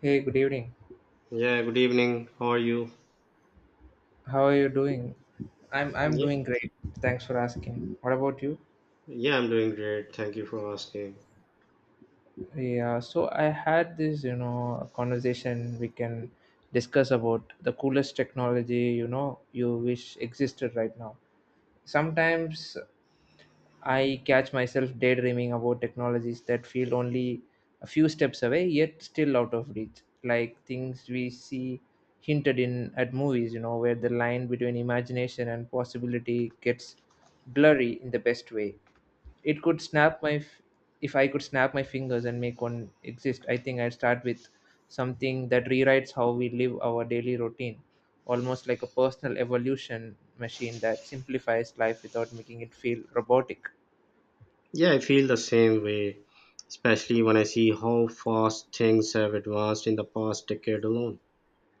Hey, good evening. Yeah, good evening. How are you? How are you doing? I'm Yeah, doing great. Thanks for asking. What about you? yeah, I'm doing great. Thank you for asking. Yeah, so I had this conversation we can discuss about the coolest technology, you wish existed right now. Sometimes I catch myself daydreaming about technologies that feel only a few steps away, yet still out of reach, like things we see hinted in at movies, where the line between imagination and possibility gets blurry in the best way. It could snap my, f- If I could snap my fingers and make one exist, I think I'd start with something that rewrites how we live our daily routine, almost like a personal evolution machine that simplifies life without making it feel robotic. Yeah, I feel the same way, especially when I see how fast things have advanced in the past decade alone.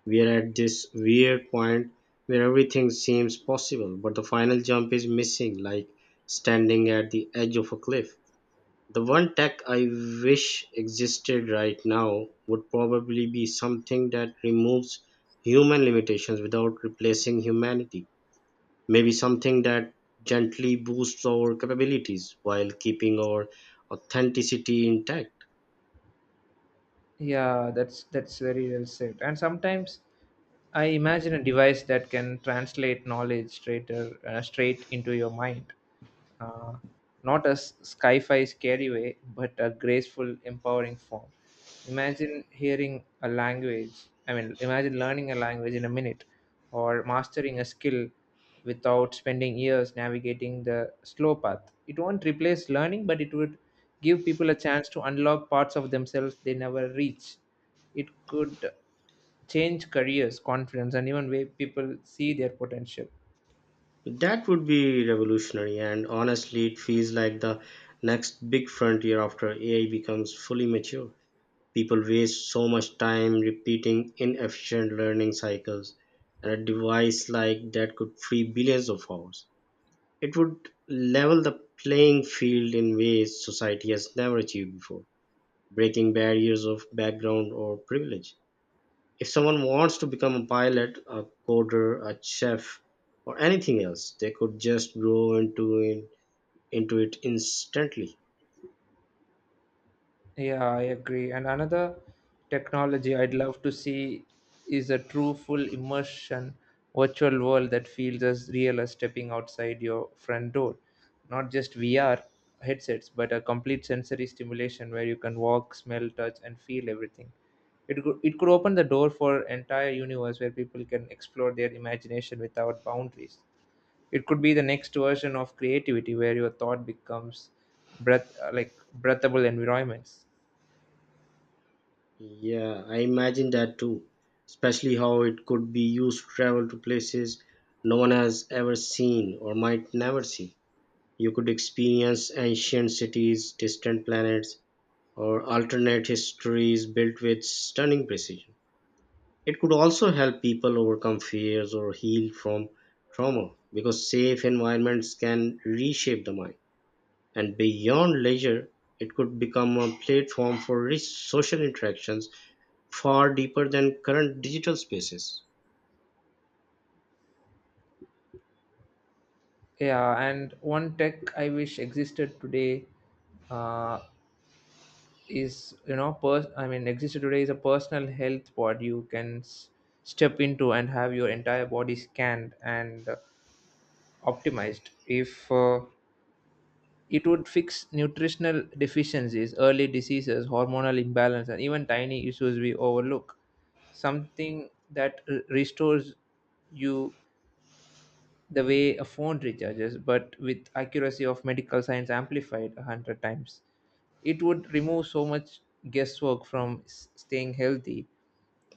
We are at this weird point where everything seems possible, but the final jump is missing, like standing at the edge of a cliff. The one tech I wish existed right now would probably be something that removes human limitations without replacing humanity, maybe something that gently boosts our capabilities while keeping our authenticity intact. Yeah, that's very well said. And sometimes I imagine a device that can translate knowledge straight into your mind. Uh, not a sci fi scary way, but a graceful, empowering form. Imagine hearing a language, I mean, imagine learning a language in a minute or mastering a skill without spending years navigating the slow path. It won't replace learning, but it would give people a chance to unlock parts of themselves they never reach. It could change careers, confidence, and even way people see their potential. That would be revolutionary, and honestly, it feels like the next big frontier after AI becomes fully mature. People waste so much time repeating inefficient learning cycles, and a device like that could free billions of hours. It would level the playing field in ways society has never achieved before, breaking barriers of background or privilege. If someone wants to become a pilot, a coder, a chef, or anything else, they could just grow into it instantly. Yeah, I agree. And another technology I'd love to see is a true full immersion virtual world that feels as real as stepping outside your front door. Not just VR headsets, but a complete sensory stimulation where you can walk, smell, touch, and feel everything. It could open the door for entire universe where people can explore their imagination without boundaries. It could be the next version of creativity where your thought becomes breath like breathable environments. Yeah, I imagine that too, especially how it could be used to travel to places no one has ever seen or might never see. You could experience ancient cities, distant planets, or alternate histories built with stunning precision. It could also help people overcome fears or heal from trauma because safe environments can reshape the mind. And beyond leisure, it could become a platform for rich social interactions far deeper than current digital spaces. Yeah, and one tech I wish existed today uh, is you know pers- I mean Existed today is a personal health pod you can step into and have your entire body scanned and optimized. If it would fix nutritional deficiencies, early diseases, hormonal imbalance, and even tiny issues we overlook, something that restores you the way a phone recharges, but with accuracy of medical science amplified a hundred times. It would remove so much guesswork from staying healthy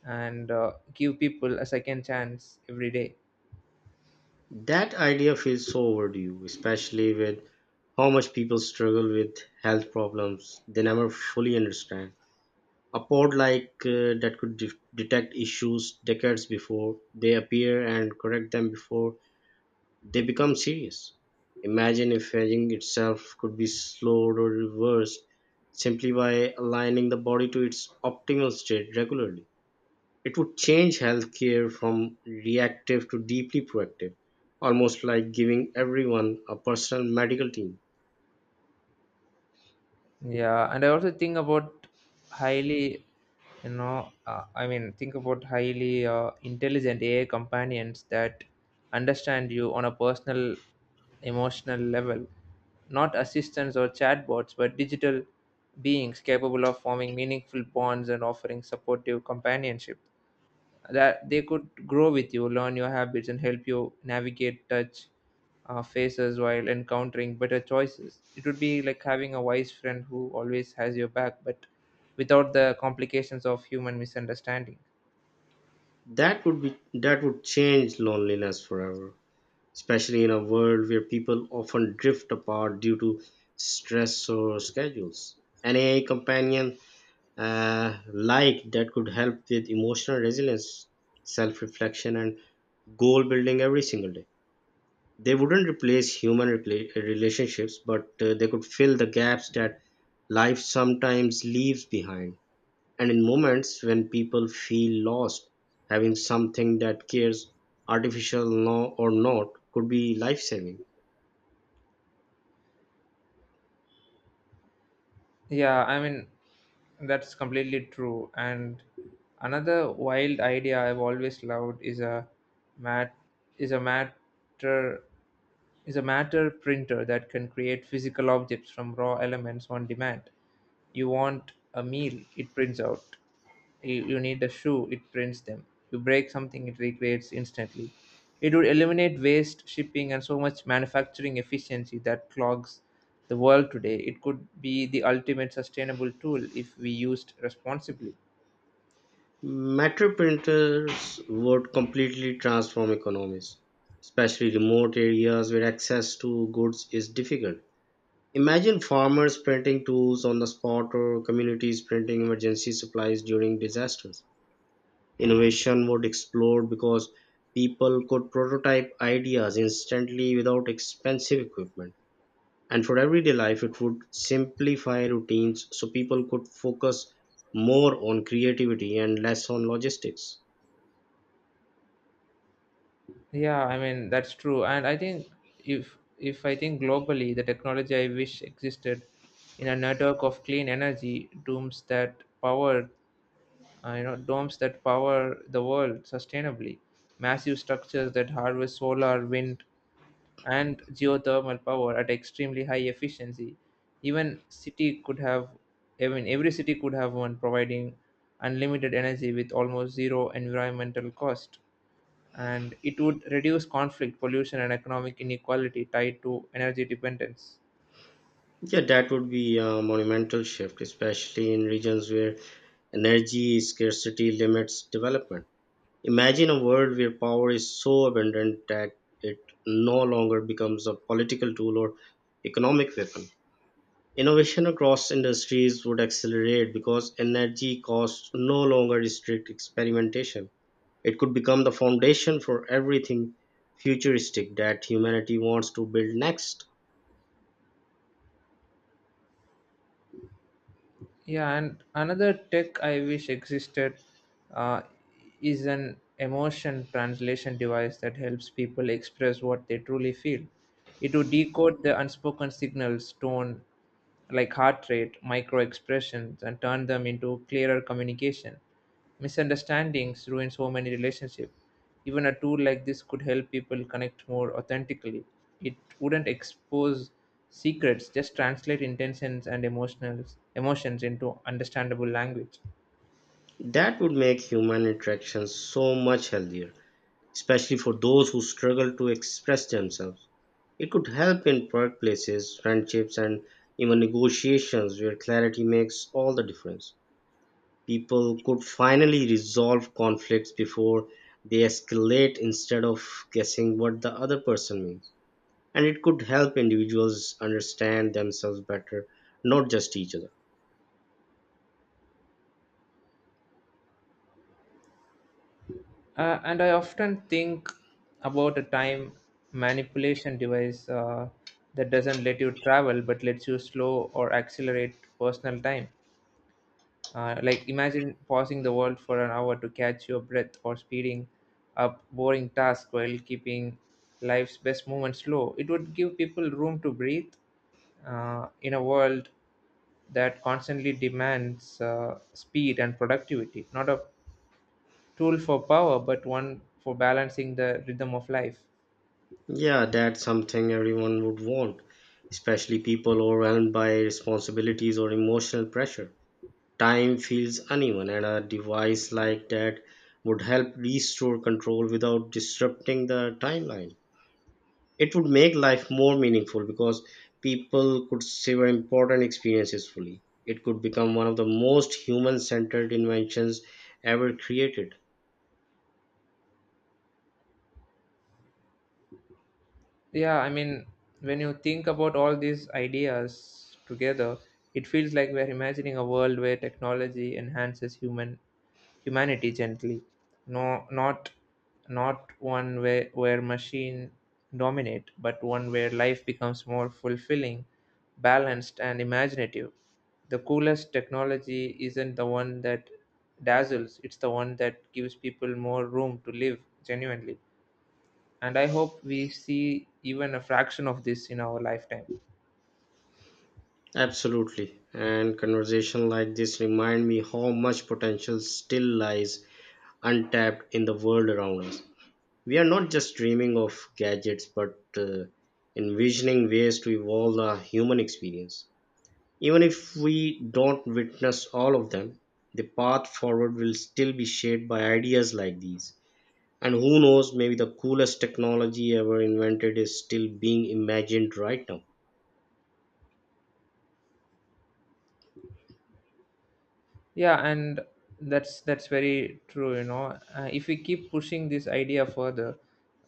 and give people a second chance every day. That idea feels so overdue, especially with how much people struggle with health problems they never fully understand. A pod like that could detect issues decades before they appear and correct them before they become serious. Imagine if aging itself could be slowed or reversed simply by aligning the body to its optimal state regularly. It would change healthcare from reactive to deeply proactive, almost like giving everyone a personal medical team. Yeah, and I also think about highly, you know, I mean, think about highly intelligent AI companions that understand you on a personal emotional level, not assistants or chatbots, but digital beings capable of forming meaningful bonds and offering supportive companionship. That they could grow with you, learn your habits, and help you navigate touch faces while encountering better choices. It would be like having a wise friend who always has your back, but without the complications of human misunderstanding. That would change loneliness forever, especially in a world where people often drift apart due to stress or schedules. An AI companion like that could help with emotional resilience, self reflection, and goal building every single day. They wouldn't replace human relationships, but they could fill the gaps that life sometimes leaves behind. And in moments when people feel lost, having something that cares, artificial or not, could be life saving. Yeah, I mean, that's completely true. And another wild idea I've always loved is a mat is a matter matter printer that can create physical objects from raw elements on demand. You want a meal, it prints out you need a shoe, it prints them. You break something, it recreates instantly. It would eliminate waste, shipping, and so much manufacturing efficiency that clogs the world today. It could be the ultimate sustainable tool if we used responsibly. Metro printers would completely transform economies, especially remote areas where access to goods is difficult. Imagine farmers printing tools on the spot or communities printing emergency supplies during disasters. Innovation would explode because people could prototype ideas instantly without expensive equipment. And for everyday life, it would simplify routines so people could focus more on creativity and less on logistics. Yeah, I mean, that's true. And I think if I think globally, the technology I wish existed in a network of clean energy dooms that power you know domes that power the world sustainably, massive structures that harvest solar, wind, and geothermal power at extremely high efficiency. Even city could have I mean every city could have one, providing unlimited energy with almost zero environmental cost. And it would reduce conflict, pollution, and economic inequality tied to energy dependence. Yeah, that would be a monumental shift, especially in regions where energy scarcity limits development. Imagine a world where power is so abundant that it no longer becomes a political tool or economic weapon. Innovation across industries would accelerate because energy costs no longer restrict experimentation. It could become the foundation for everything futuristic that humanity wants to build next. Yeah, and another tech I wish existed uh, is an emotion translation device that helps people express what they truly feel. It would decode the unspoken signals, tone, like heart rate, micro expressions, and turn them into clearer communication. Misunderstandings ruin so many relationships. Even a tool like this could help people connect more authentically. It wouldn't expose secrets, just translate intentions and emotions into understandable language. That would make human interactions so much healthier, especially for those who struggle to express themselves. It could help in workplaces, friendships, and even negotiations where clarity makes all the difference. People could finally resolve conflicts before they escalate instead of guessing what the other person means. And it could help individuals understand themselves better, not just each other. And I often think about a time manipulation device that doesn't let you travel but lets you slow or accelerate personal time. Like imagine pausing the world for an hour to catch your breath or speeding up boring tasks while keeping life's best moments slow. It would give people room to breathe in a world that constantly demands speed and productivity. Not a tool for power, but one for balancing the rhythm of life. Yeah, that's something everyone would want, especially people overwhelmed by responsibilities or emotional pressure. Time feels uneven, and a device like that would help restore control without disrupting the timeline. It would make life more meaningful because people could savor important experiences fully. It could become one of the most human centered inventions ever created. Yeah, I mean, when you think about all these ideas together, it feels like we're imagining a world where technology enhances humanity gently. No, not not one where machine dominate, but one where life becomes more fulfilling, balanced, and imaginative. The coolest technology isn't the one that dazzles; it's the one that gives people more room to live genuinely, and I hope we see even a fraction of this in our lifetime. Absolutely. And conversation like this remind me how much potential still lies untapped in the world around us. We are not just dreaming of gadgets, but envisioning ways to evolve the human experience. Even if we don't witness all of them, the path forward will still be shaped by ideas like these. And who knows, maybe the coolest technology ever invented is still being imagined right now. Yeah, and that's very true, you know. If we keep pushing this idea further,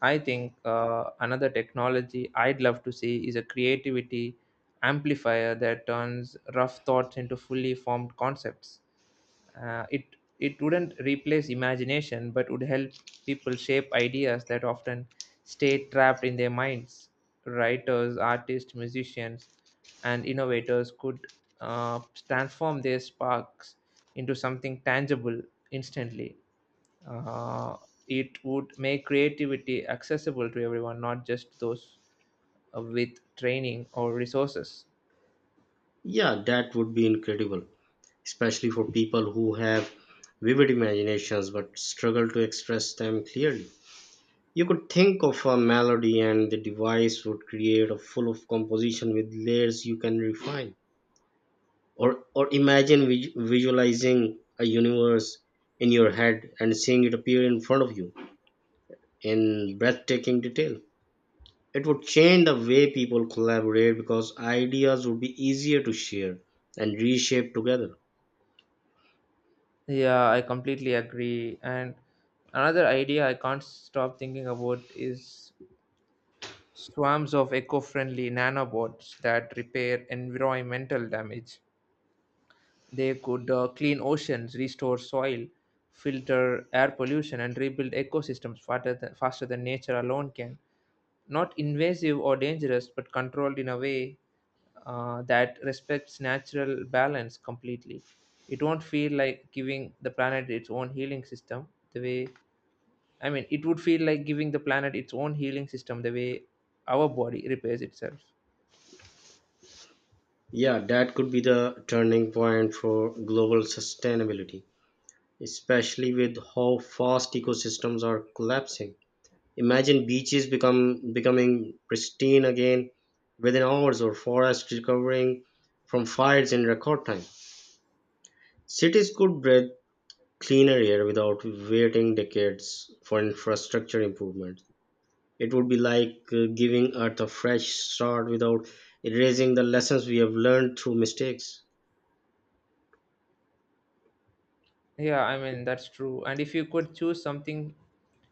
I think another technology I'd love to see is a creativity amplifier that turns rough thoughts into fully formed concepts. Uh, it it wouldn't replace imagination, but would help people shape ideas that often stay trapped in their minds. Writers, artists, musicians, and innovators could uh, transform their sparks into something tangible instantly. Uh, it would make creativity accessible to everyone, not just those with training or resources. Yeah, that would be incredible, especially for people who have vivid imaginations but struggle to express them clearly. You could think of a melody and the device would create a full of composition with layers you can refine. Or imagine visualizing a universe in your head and seeing it appear in front of you in breathtaking detail. It would change the way people collaborate because ideas would be easier to share and reshape together. Yeah, I completely agree. And another idea I can't stop thinking about is swarms of eco friendly nanobots that repair environmental damage. They could clean oceans, restore soil, filter air pollution, and rebuild ecosystems faster than nature alone can. Not invasive or dangerous, but controlled in a way that respects natural balance completely. It won't feel like giving the planet its own healing system the way I mean, it would feel like giving the planet its own healing system the way our body repairs itself. Yeah, that could be the turning point for global sustainability, especially with how fast ecosystems are collapsing. Imagine beaches become becoming pristine again within hours or forests recovering from fires in record time. Cities could breathe cleaner air without waiting decades for infrastructure improvements. It would be like giving Earth a fresh start without erasing the lessons we have learned through mistakes. Yeah, I mean, that's true. And if you could choose something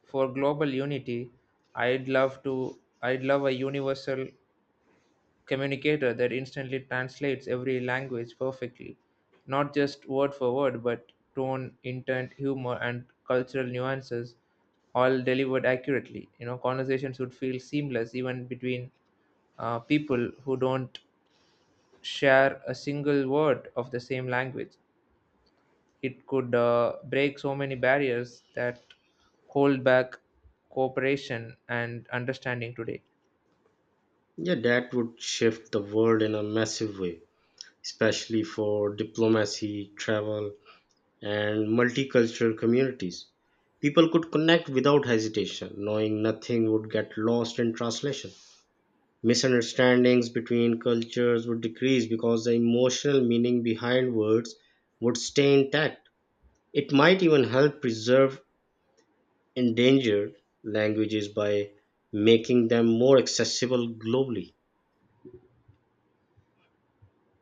for global unity, I'd love a universal communicator that instantly translates every language perfectly. Not just word for word, but tone, intent, humor, and cultural nuances all delivered accurately. You know, conversations would feel seamless even between people who don't share a single word of the same language. It could break so many barriers that hold back cooperation and understanding today. Yeah, that would shift the world in a massive way, especially for diplomacy, travel, and multicultural communities. People could connect without hesitation, knowing nothing would get lost in translation. Misunderstandings between cultures would decrease because the emotional meaning behind words would stay intact. It might even help preserve endangered languages by making them more accessible globally.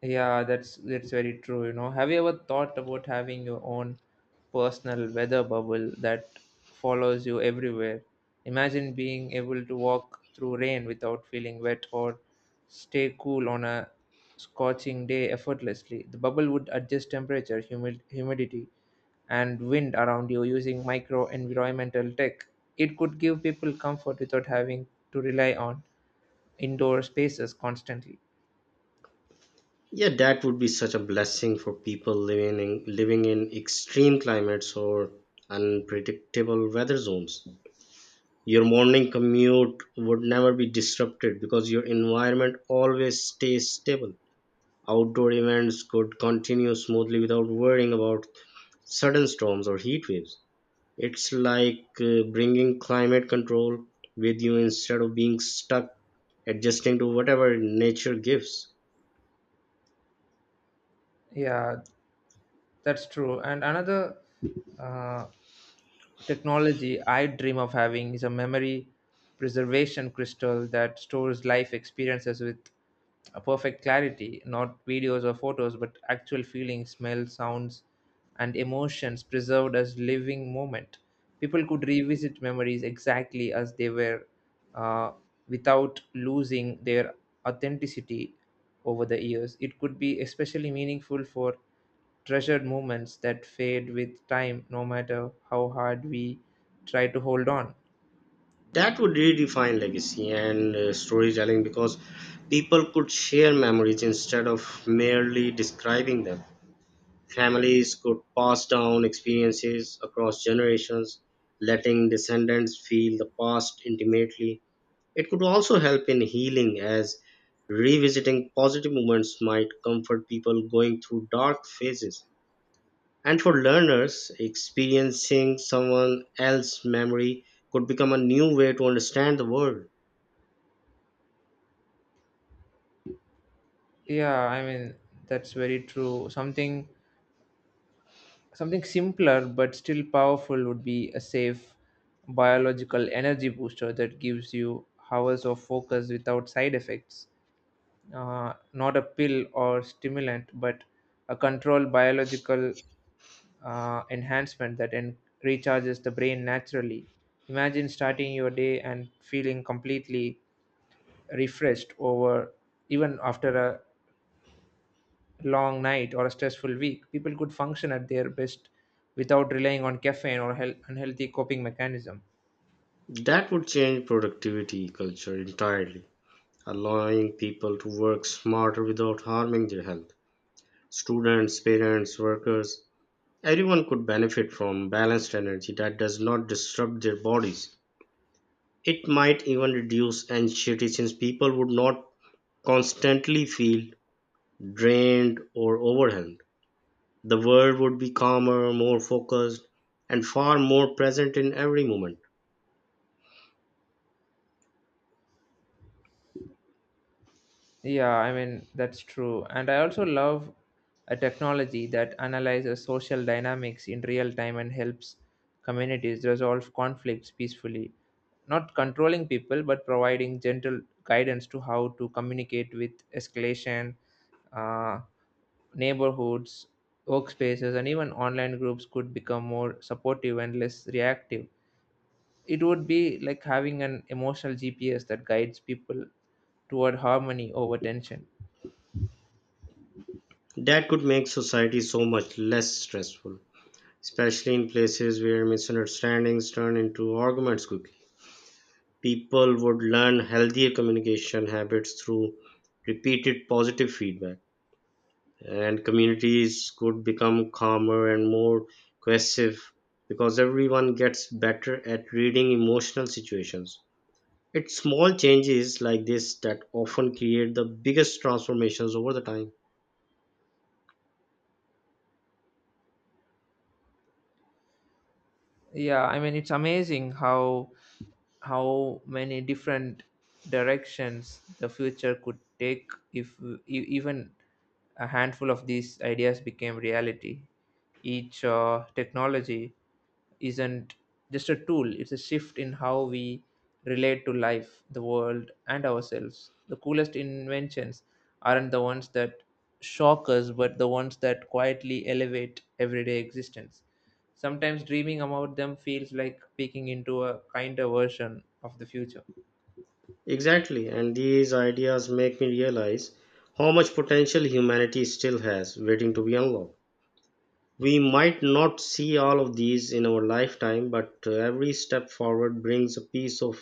Yeah, that's very true, you know. Have you ever thought about having your own personal weather bubble that follows you everywhere? Imagine being able to walk through rain without feeling wet or stay cool on a scorching day effortlessly. The bubble would adjust temperature, humidity, and wind around you using micro environmental tech. It could give people comfort without having to rely on indoor spaces constantly. Yeah, that would be such a blessing for people living in extreme climates or unpredictable weather zones. Your morning commute would never be disrupted because your environment always stays stable. Outdoor events could continue smoothly without worrying about sudden storms or heat waves. It's like bringing climate control with you instead of being stuck adjusting to whatever nature gives. Yeah, that's true. And another uh, technology I dream of having is a memory preservation crystal that stores life experiences with a perfect clarity, not videos or photos, but actual feelings, smells, sounds, and emotions preserved as living moment. People could revisit memories exactly as they were uh, without losing their authenticity over the years. It could be especially meaningful for treasured moments that fade with time no matter how hard we try to hold on. That would redefine legacy and storytelling because people could share memories instead of merely describing them. Families could pass down experiences across generations, letting descendants feel the past intimately. It could also help in healing, as revisiting positive moments might comfort people going through dark phases. And for learners, experiencing someone else's memory could become a new way to understand the world. Yeah, I mean, that's very true. Something simpler but still powerful would be a safe biological energy booster that gives you hours of focus without side effects. Uh, not a pill or stimulant, but a controlled biological uh, enhancement that en- recharges the brain naturally. Imagine starting your day and feeling completely refreshed over even after a long night or a stressful week. People could function at their best without relying on caffeine or unhealthy coping mechanism. That would change productivity culture entirely, allowing people to work smarter without harming their health. Students, parents, workers, everyone could benefit from balanced energy that does not disrupt their bodies. It might even reduce anxiety since people would not constantly feel drained or overwhelmed. The world would be calmer, more focused, and far more present in every moment. Yeah, I mean, that's true. And I also love a technology that analyzes social dynamics in real time and helps communities resolve conflicts peacefully, not controlling people but providing gentle guidance to how to communicate with escalation. uh, Neighborhoods, workspaces, and even online groups could become more supportive and less reactive. It would be like having an emotional GPS that guides people toward harmony over tension. That could make society so much less stressful, especially in places where misunderstandings turn into arguments quickly. People would learn healthier communication habits through repeated positive feedback, and communities could become calmer and more cohesive because everyone gets better at reading emotional situations. It's small changes like this that often create the biggest transformations over the time. Yeah, I mean, it's amazing how many different directions the future could take if even a handful of these ideas became reality. Each technology isn't just a tool, it's a shift in how we relate to life, the world, and ourselves. The coolest inventions aren't the ones that shock us, but the ones that quietly elevate everyday existence. Sometimes dreaming about them feels like peeking into a kinder version of the future. Exactly, and these ideas make me realize how much potential humanity still has waiting to be unlocked. We might not see all of these in our lifetime, but every step forward brings a piece of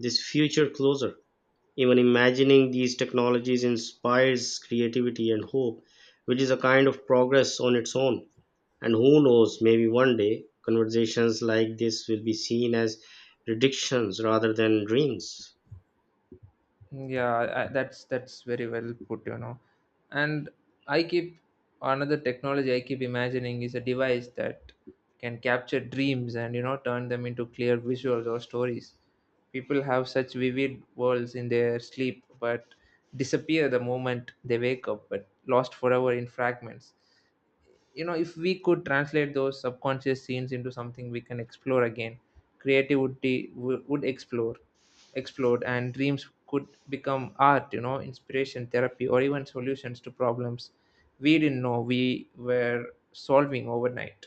this future closer. Even imagining these technologies inspires creativity and hope, which is a kind of progress on its own. And who knows, maybe one day conversations like this will be seen as predictions rather than dreams. Yeah, that's very well put, you know. And I keep another technology I keep imagining is a device that can capture dreams and, you know, turn them into clear visuals or stories. People have such vivid worlds in their sleep, but disappear the moment they wake up, but lost forever in fragments. You know, if we could translate those subconscious scenes into something we can explore again, creativity w- would explore explode, and dreams could become art, you know, inspiration, therapy, or even solutions to problems we didn't know we were solving overnight.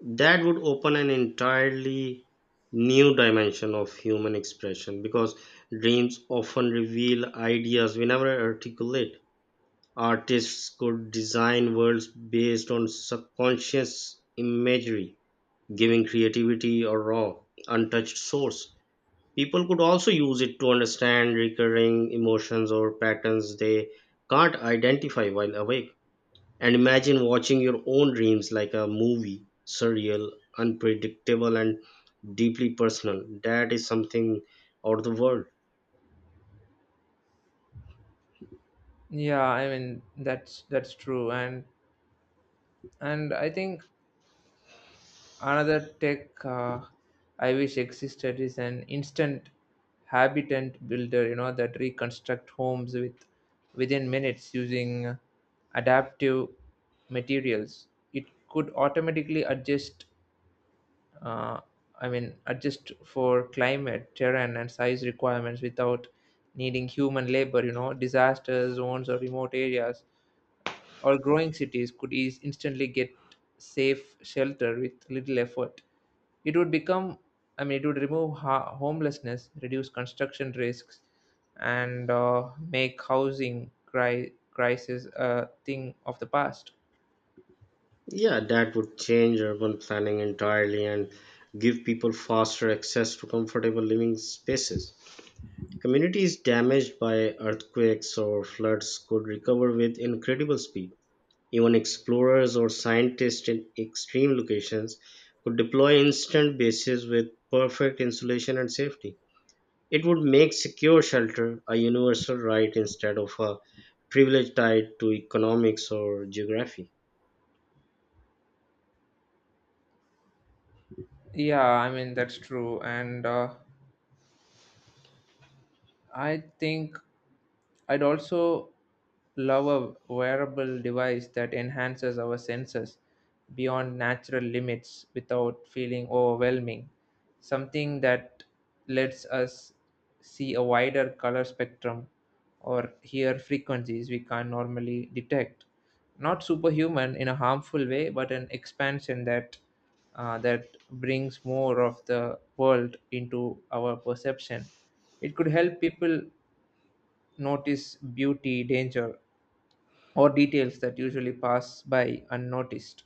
That would open an entirely new dimension of human expression because dreams often reveal ideas we never articulate. Artists could design worlds based on subconscious imagery, giving creativity a raw, untouched source. People could also use it to understand recurring emotions or patterns they can't identify while awake. And imagine watching your own dreams like a movie, surreal, unpredictable, and deeply personal. That is something out of the world. Yeah, I mean that's true. And I think another tech I wish existed is an instant habitant builder, you know, that reconstruct homes with within minutes using adaptive materials. It could automatically adjust, uh, adjust for climate, terrain, and size requirements without needing human labor. You know, disaster zones or remote areas or growing cities could ease instantly get safe shelter with little effort. It would become, it would remove homelessness, reduce construction risks, and make housing crisis a thing of the past. Yeah, that would change urban planning entirely and give people faster access to comfortable living spaces. Communities damaged by earthquakes or floods could recover with incredible speed. Even explorers or scientists in extreme locations could deploy instant bases with perfect insulation and safety. It would make secure shelter a universal right instead of a privilege tied to economics or geography. Yeah, I mean that's true, and I think I'd also love a wearable device that enhances our senses beyond natural limits without feeling overwhelming. Something that lets us see a wider color spectrum or hear frequencies we can't normally detect. Not superhuman in a harmful way, but an expansion that that brings more of the world into our perception. It could help people notice beauty, danger, or details that usually pass by unnoticed.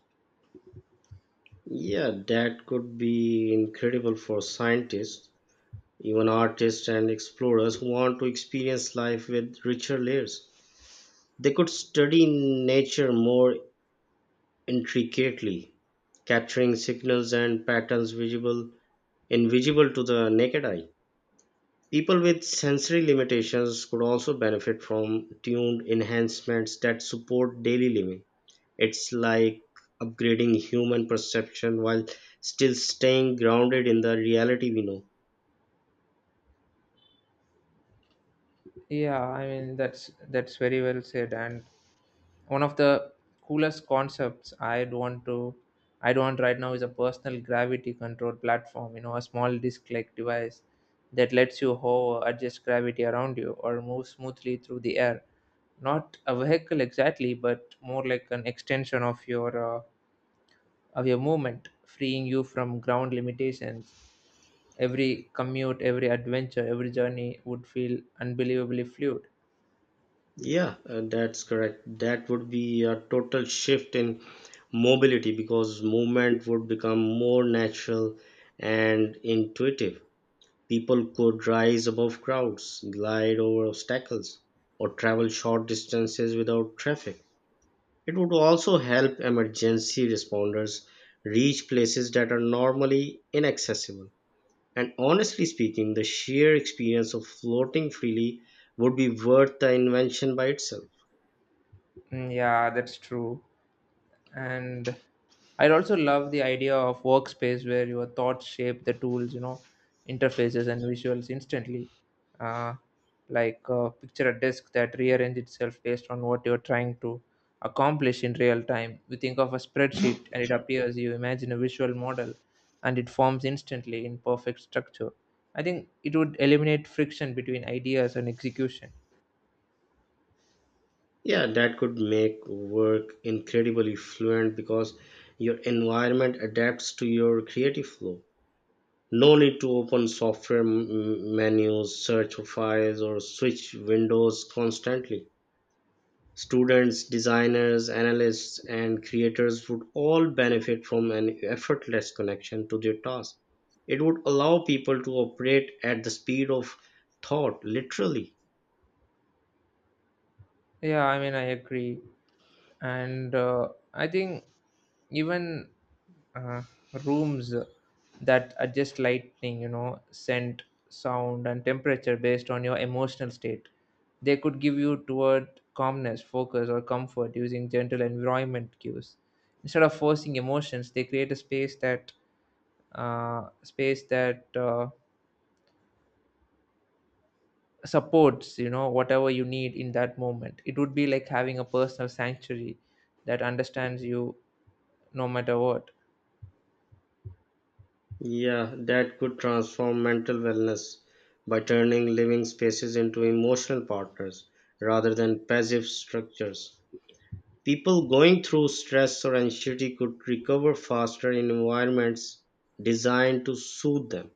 Yeah, that could be incredible for scientists, even artists and explorers who want to experience life with richer layers. They could study nature more intricately, capturing signals and patterns visible invisible to the naked eye. People with sensory limitations could also benefit from tuned enhancements that support daily living. It's like upgrading human perception while still staying grounded in the reality we know. Yeah, I mean that's very well said. And one of the coolest concepts I'd want right now is a personal gravity control platform. You know, a small disc-like device that lets you hover, adjust gravity around you, or move smoothly through the air. Not a vehicle exactly, but more like an extension of your movement, freeing you from ground limitations. Every commute, every adventure, every journey would feel unbelievably fluid. Yeah, that's correct. That would be a total shift in mobility because movement would become more natural and intuitive. People could rise above crowds, glide over obstacles, or travel short distances without traffic. It would also help emergency responders reach places that are normally inaccessible. And honestly speaking, the sheer experience of floating freely would be worth the invention by itself. Mm, yeah, that's true. And I also love the idea of workspace where your thoughts shape the tools, you know, interfaces and visuals instantly. uh, Picture a desk that rearranges itself based on what you're trying to accomplish in real time. You think of a spreadsheet and it appears, you imagine a visual model and it forms instantly in perfect structure. I think it would eliminate friction between ideas and execution. Yeah, that could make work incredibly fluent because your environment adapts to your creative flow. No need to open software menus, search for files, or switch windows constantly. Students, designers, analysts, and creators would all benefit from an effortless connection to their task. It would allow people to operate at the speed of thought, literally. Yeah, I mean I agree. And I think even uh, rooms that adjust lighting, you know, scent, sound, and temperature based on your emotional state. They could give you toward calmness, focus, or comfort using gentle environment cues. Instead of forcing emotions, they create a space that uh, space that uh, supports, you know, whatever you need in that moment. It would be like having a personal sanctuary that understands you no matter what. Yeah, that could transform mental wellness by turning living spaces into emotional partners rather than passive structures. People going through stress or anxiety could recover faster in environments designed to soothe them.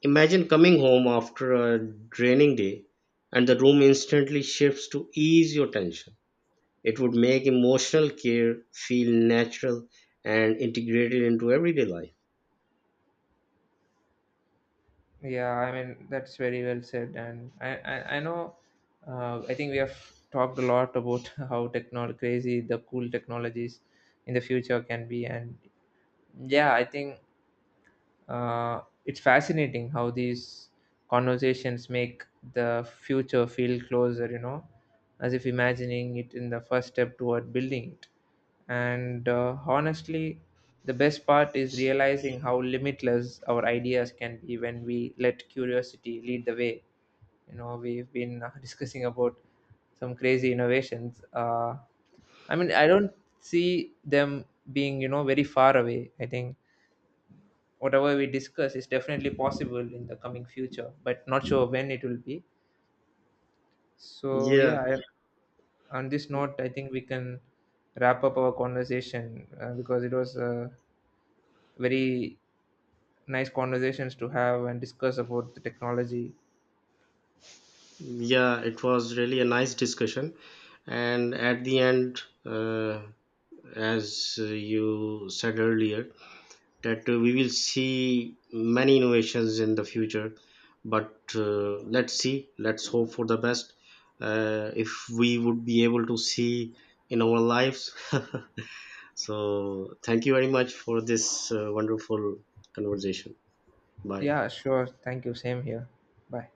Imagine coming home after a draining day and the room instantly shifts to ease your tension. It would make emotional care feel natural and integrated into everyday life. Yeah, I mean that's very well said, and I know. I think we have talked a lot about how technol crazy the cool technologies in the future can be, and yeah, I think it's fascinating how these conversations make the future feel closer, you know, as if imagining it in the first step toward building it. And honestly, the best part is realizing how limitless our ideas can be when we let curiosity lead the way. You know, we've been discussing about some crazy innovations. I mean I don't see them being, you know, very far away. I think whatever we discuss is definitely possible in the coming future, but not sure when it will be. So yeah, Yeah, on this note, I think we can wrap up our conversation because it was very nice conversations to have and discuss about the technology. yeah, it was really a nice discussion. And at the end, as you said earlier, that we will see many innovations in the future, but let's see, let's hope for the best, if we would be able to see in our lives. So thank you very much for this wonderful conversation. Bye. Yeah, sure. Thank you. Same here. Bye.